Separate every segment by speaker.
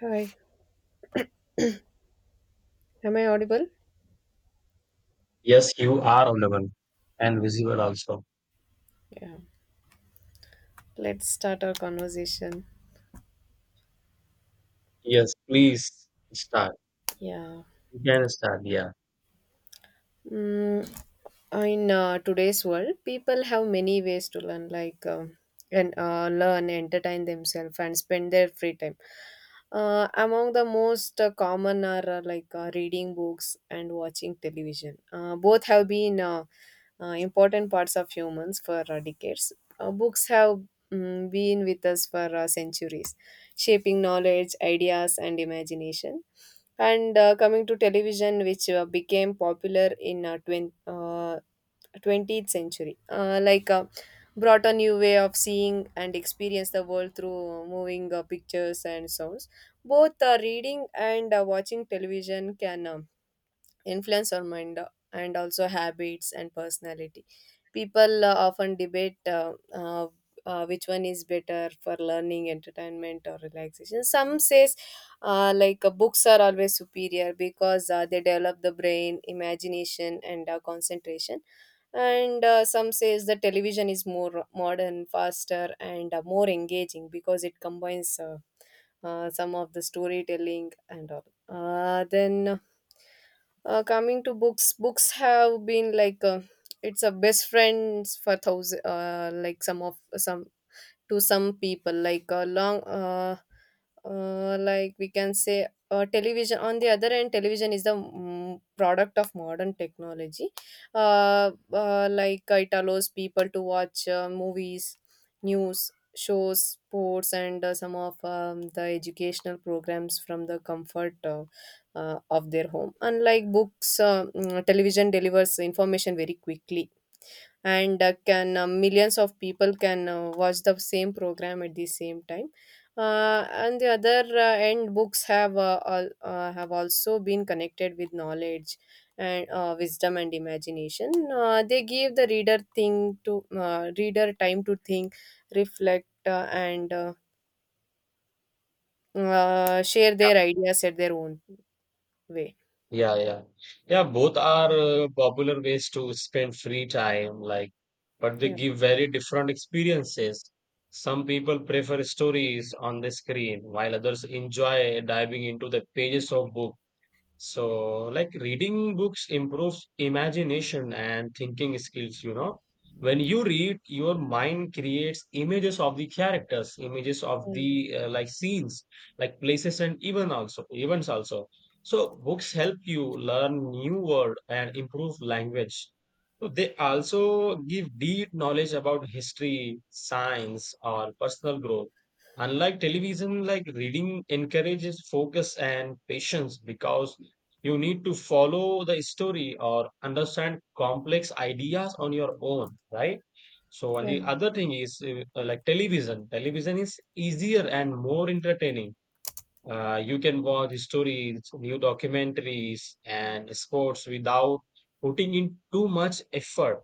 Speaker 1: Hi, am I audible?
Speaker 2: Yes, you are audible and visible also.
Speaker 1: Yeah. Let's start our conversation.
Speaker 2: Yes, please start.
Speaker 1: Yeah.
Speaker 2: You can start. Yeah.
Speaker 1: Mm, in today's world people have many ways to learn like and learn entertain themselves and spend their free time among the most common are reading books and watching television. Both have been important parts of humans for decades. Books have been with us for centuries, shaping knowledge, ideas and imagination. And coming to television, which became popular in 20th century. Brought a new way of seeing and experience the world through moving pictures and sounds. Both reading and watching television can influence our mind and also habits and personality. People often debate which one is better for learning, entertainment, or relaxation. Some says books are always superior because they develop the brain, imagination, and concentration. And some says the television is more modern, faster, and more engaging because it combines some of the storytelling and all. Then coming to books, books have been it's a best friends for thousand, like some of some to some people like a long like we can say. Television, on the other end, television is the product of modern technology. It allows people to watch movies, news, shows, sports and some of the educational programs from the comfort of their home. Unlike books, television delivers information very quickly and can millions of people can watch the same program at the same time. And the other end, books have have also been connected with knowledge and wisdom and imagination. They give the reader time to think, reflect and share their ideas at their own way.
Speaker 2: Yeah, yeah. Yeah, both are popular ways to spend free time, like, but they
Speaker 1: Yeah.
Speaker 2: give very different experiences. Some people prefer stories on the screen, while others enjoy diving into the pages of books. So, like reading books improves imagination and thinking skills. When you read, your mind creates images of the characters, images of
Speaker 1: Yeah.
Speaker 2: the like scenes, like places and even also events also. So books help you learn new word and improve language. So they also give deep knowledge about history, science, or personal growth. Unlike television, like reading encourages focus and patience because you need to follow the story or understand complex ideas on your own, right? So, and the
Speaker 1: Yeah.
Speaker 2: other thing is like television. Television is easier and more entertaining. You can watch stories, new documentaries, and sports without putting in too much effort.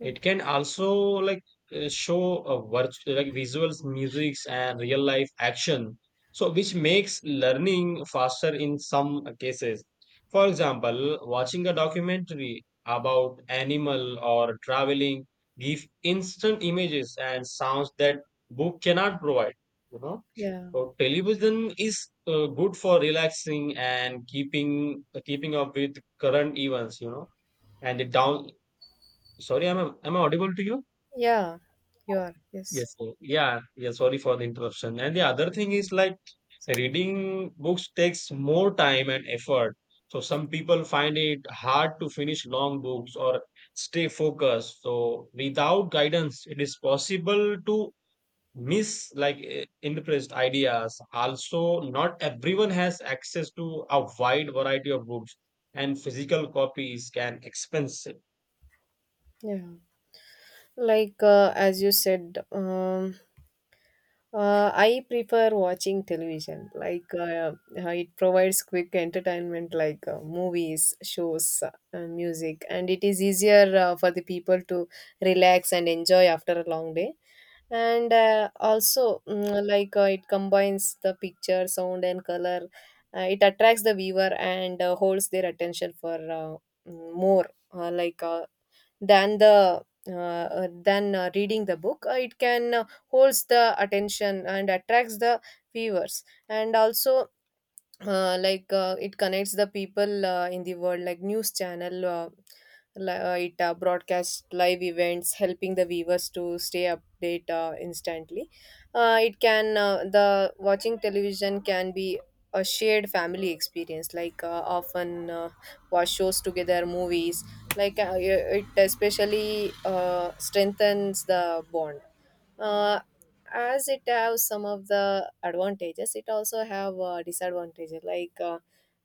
Speaker 2: It can also like show a like visuals, musics, and real life action. So, which makes learning faster in some cases. For example, watching a documentary about animal or traveling give instant images and sounds that book cannot provide. You know,
Speaker 1: Yeah,
Speaker 2: so television is good for relaxing and keeping up with current events. And it down. Sorry, am I audible to you?
Speaker 1: yeah. You are, yes.
Speaker 2: Yes, sir. Yeah, yeah. Sorry for the interruption. And the other thing is like reading books takes more time and effort. So some people find it hard to finish long books or stay focused. So without guidance, it is possible to miss like impressed ideas. Also, not everyone has access to a wide variety of books, and physical copies can expensive.
Speaker 1: Yeah. As you said, I prefer watching television. It provides quick entertainment, like movies, shows, music, and it is easier for the people to relax and enjoy after a long day. And also, it combines the picture, sound, and color. It attracts the viewer and holds their attention for more. Uh, like uh, than the than reading the book. It can holds the attention and attracts the viewers, and also it connects the people in the world, like news channel. It broadcasts live events, helping the viewers to stay update instantly. It can The watching television can be a shared family experience, often watch shows together, movies. It especially strengthens the bond. uh, as it has some of the advantages, it also have disadvantages. like uh,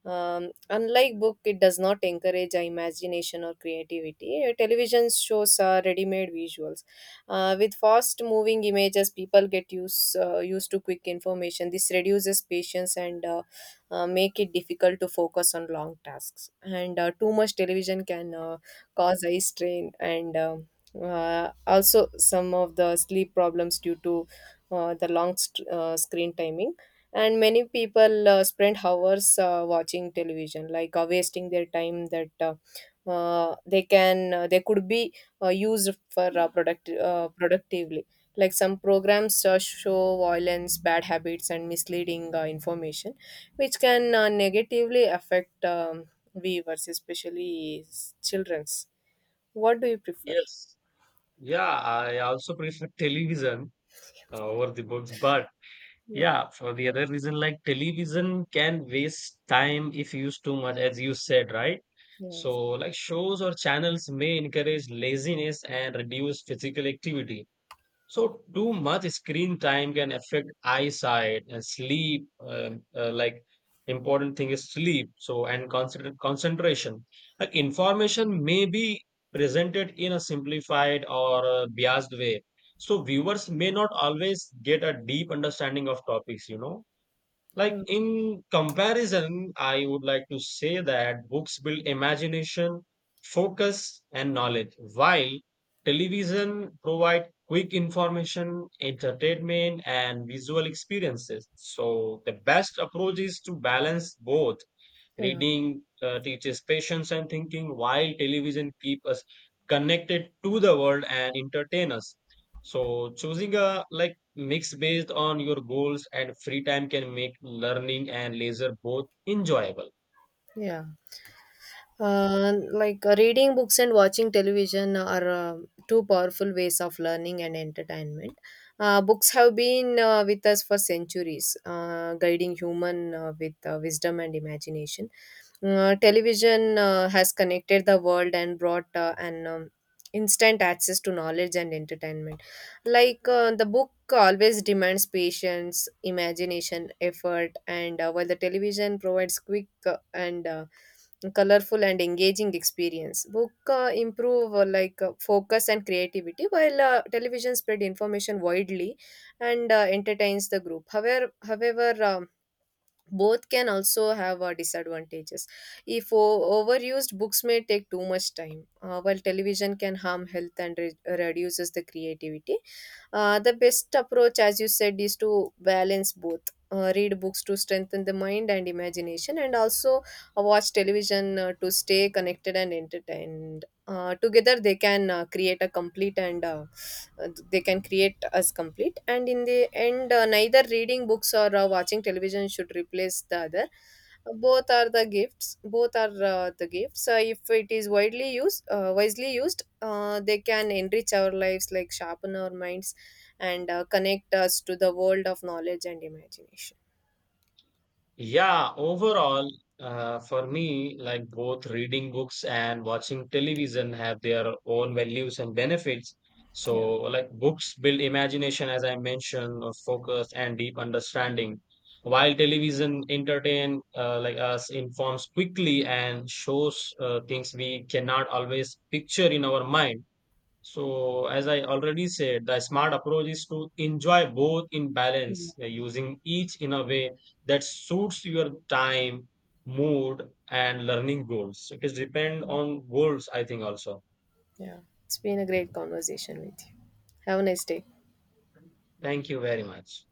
Speaker 1: um, Unlike book, it does not encourage imagination or creativity. Television shows ready-made visuals with fast moving images. People get used used to quick information. This reduces patience and make it difficult to focus on long tasks. And too much television can cause eye strain and also some of the sleep problems due to the screen timing. And many people spend hours watching television, wasting their time that they could be used for productively. Like some programs show violence, bad habits and misleading information, which can negatively affect viewers, especially children's. What do you prefer?
Speaker 2: Yes. Yeah, I also prefer television over the books. But
Speaker 1: Yeah.
Speaker 2: yeah, for the other reason, like television can waste time if used too much, as you said, right?
Speaker 1: Yeah.
Speaker 2: So, like shows or channels may encourage laziness and reduce physical activity. So too much screen time can affect eyesight and sleep. Like important thing is sleep. So and concentration. Like information may be presented in a simplified or a biased way. So viewers may not always get a deep understanding of topics. You know. Like
Speaker 1: Yeah.
Speaker 2: in comparison, I would like to say that books build imagination, focus, and knowledge, while television provide quick information, entertainment, and visual experiences. So the best approach is to balance both.
Speaker 1: Yeah,
Speaker 2: Reading teaches patience and thinking, while television keep us connected to the world and entertain us. So choosing a like mix based on your goals and free time can make learning and leisure both enjoyable.
Speaker 1: yeah. Reading books and watching television are two powerful ways of learning and entertainment. Books have been with us for centuries, guiding human with wisdom and imagination. Television has connected the world and brought an instant access to knowledge and entertainment. The book always demands patience, imagination, effort, and while the television provides quick and colorful and engaging experience. Book improve focus and creativity, while television spread information widely and entertains the group. However, both can also have disadvantages. If overused, books may take too much time, while television can harm health and reduces the creativity. The best approach, as you said, is to balance both. Read books to strengthen the mind and imagination, and also watch television to stay connected and entertained. Together they can create a complete and they can create us complete. And in the end, neither reading books or watching television should replace the other. Both are the gifts. If it is widely used Wisely used, they can enrich our lives, like sharpen our minds and connect us to the world of knowledge and imagination.
Speaker 2: Yeah, overall, for me, like both reading books and watching television have their own values and benefits.
Speaker 1: Yeah.
Speaker 2: So, like books build imagination, as I mentioned, of focus and deep understanding, while television entertain like us informs quickly and shows things we cannot always picture in our mind. So, as I already said, the smart approach is to enjoy both in balance, using each in a way that suits your time, mood, and learning goals. So, it is depend on goals, I think, also.
Speaker 1: Yeah, it's been a great conversation with you. Have a nice day.
Speaker 2: Thank you very much.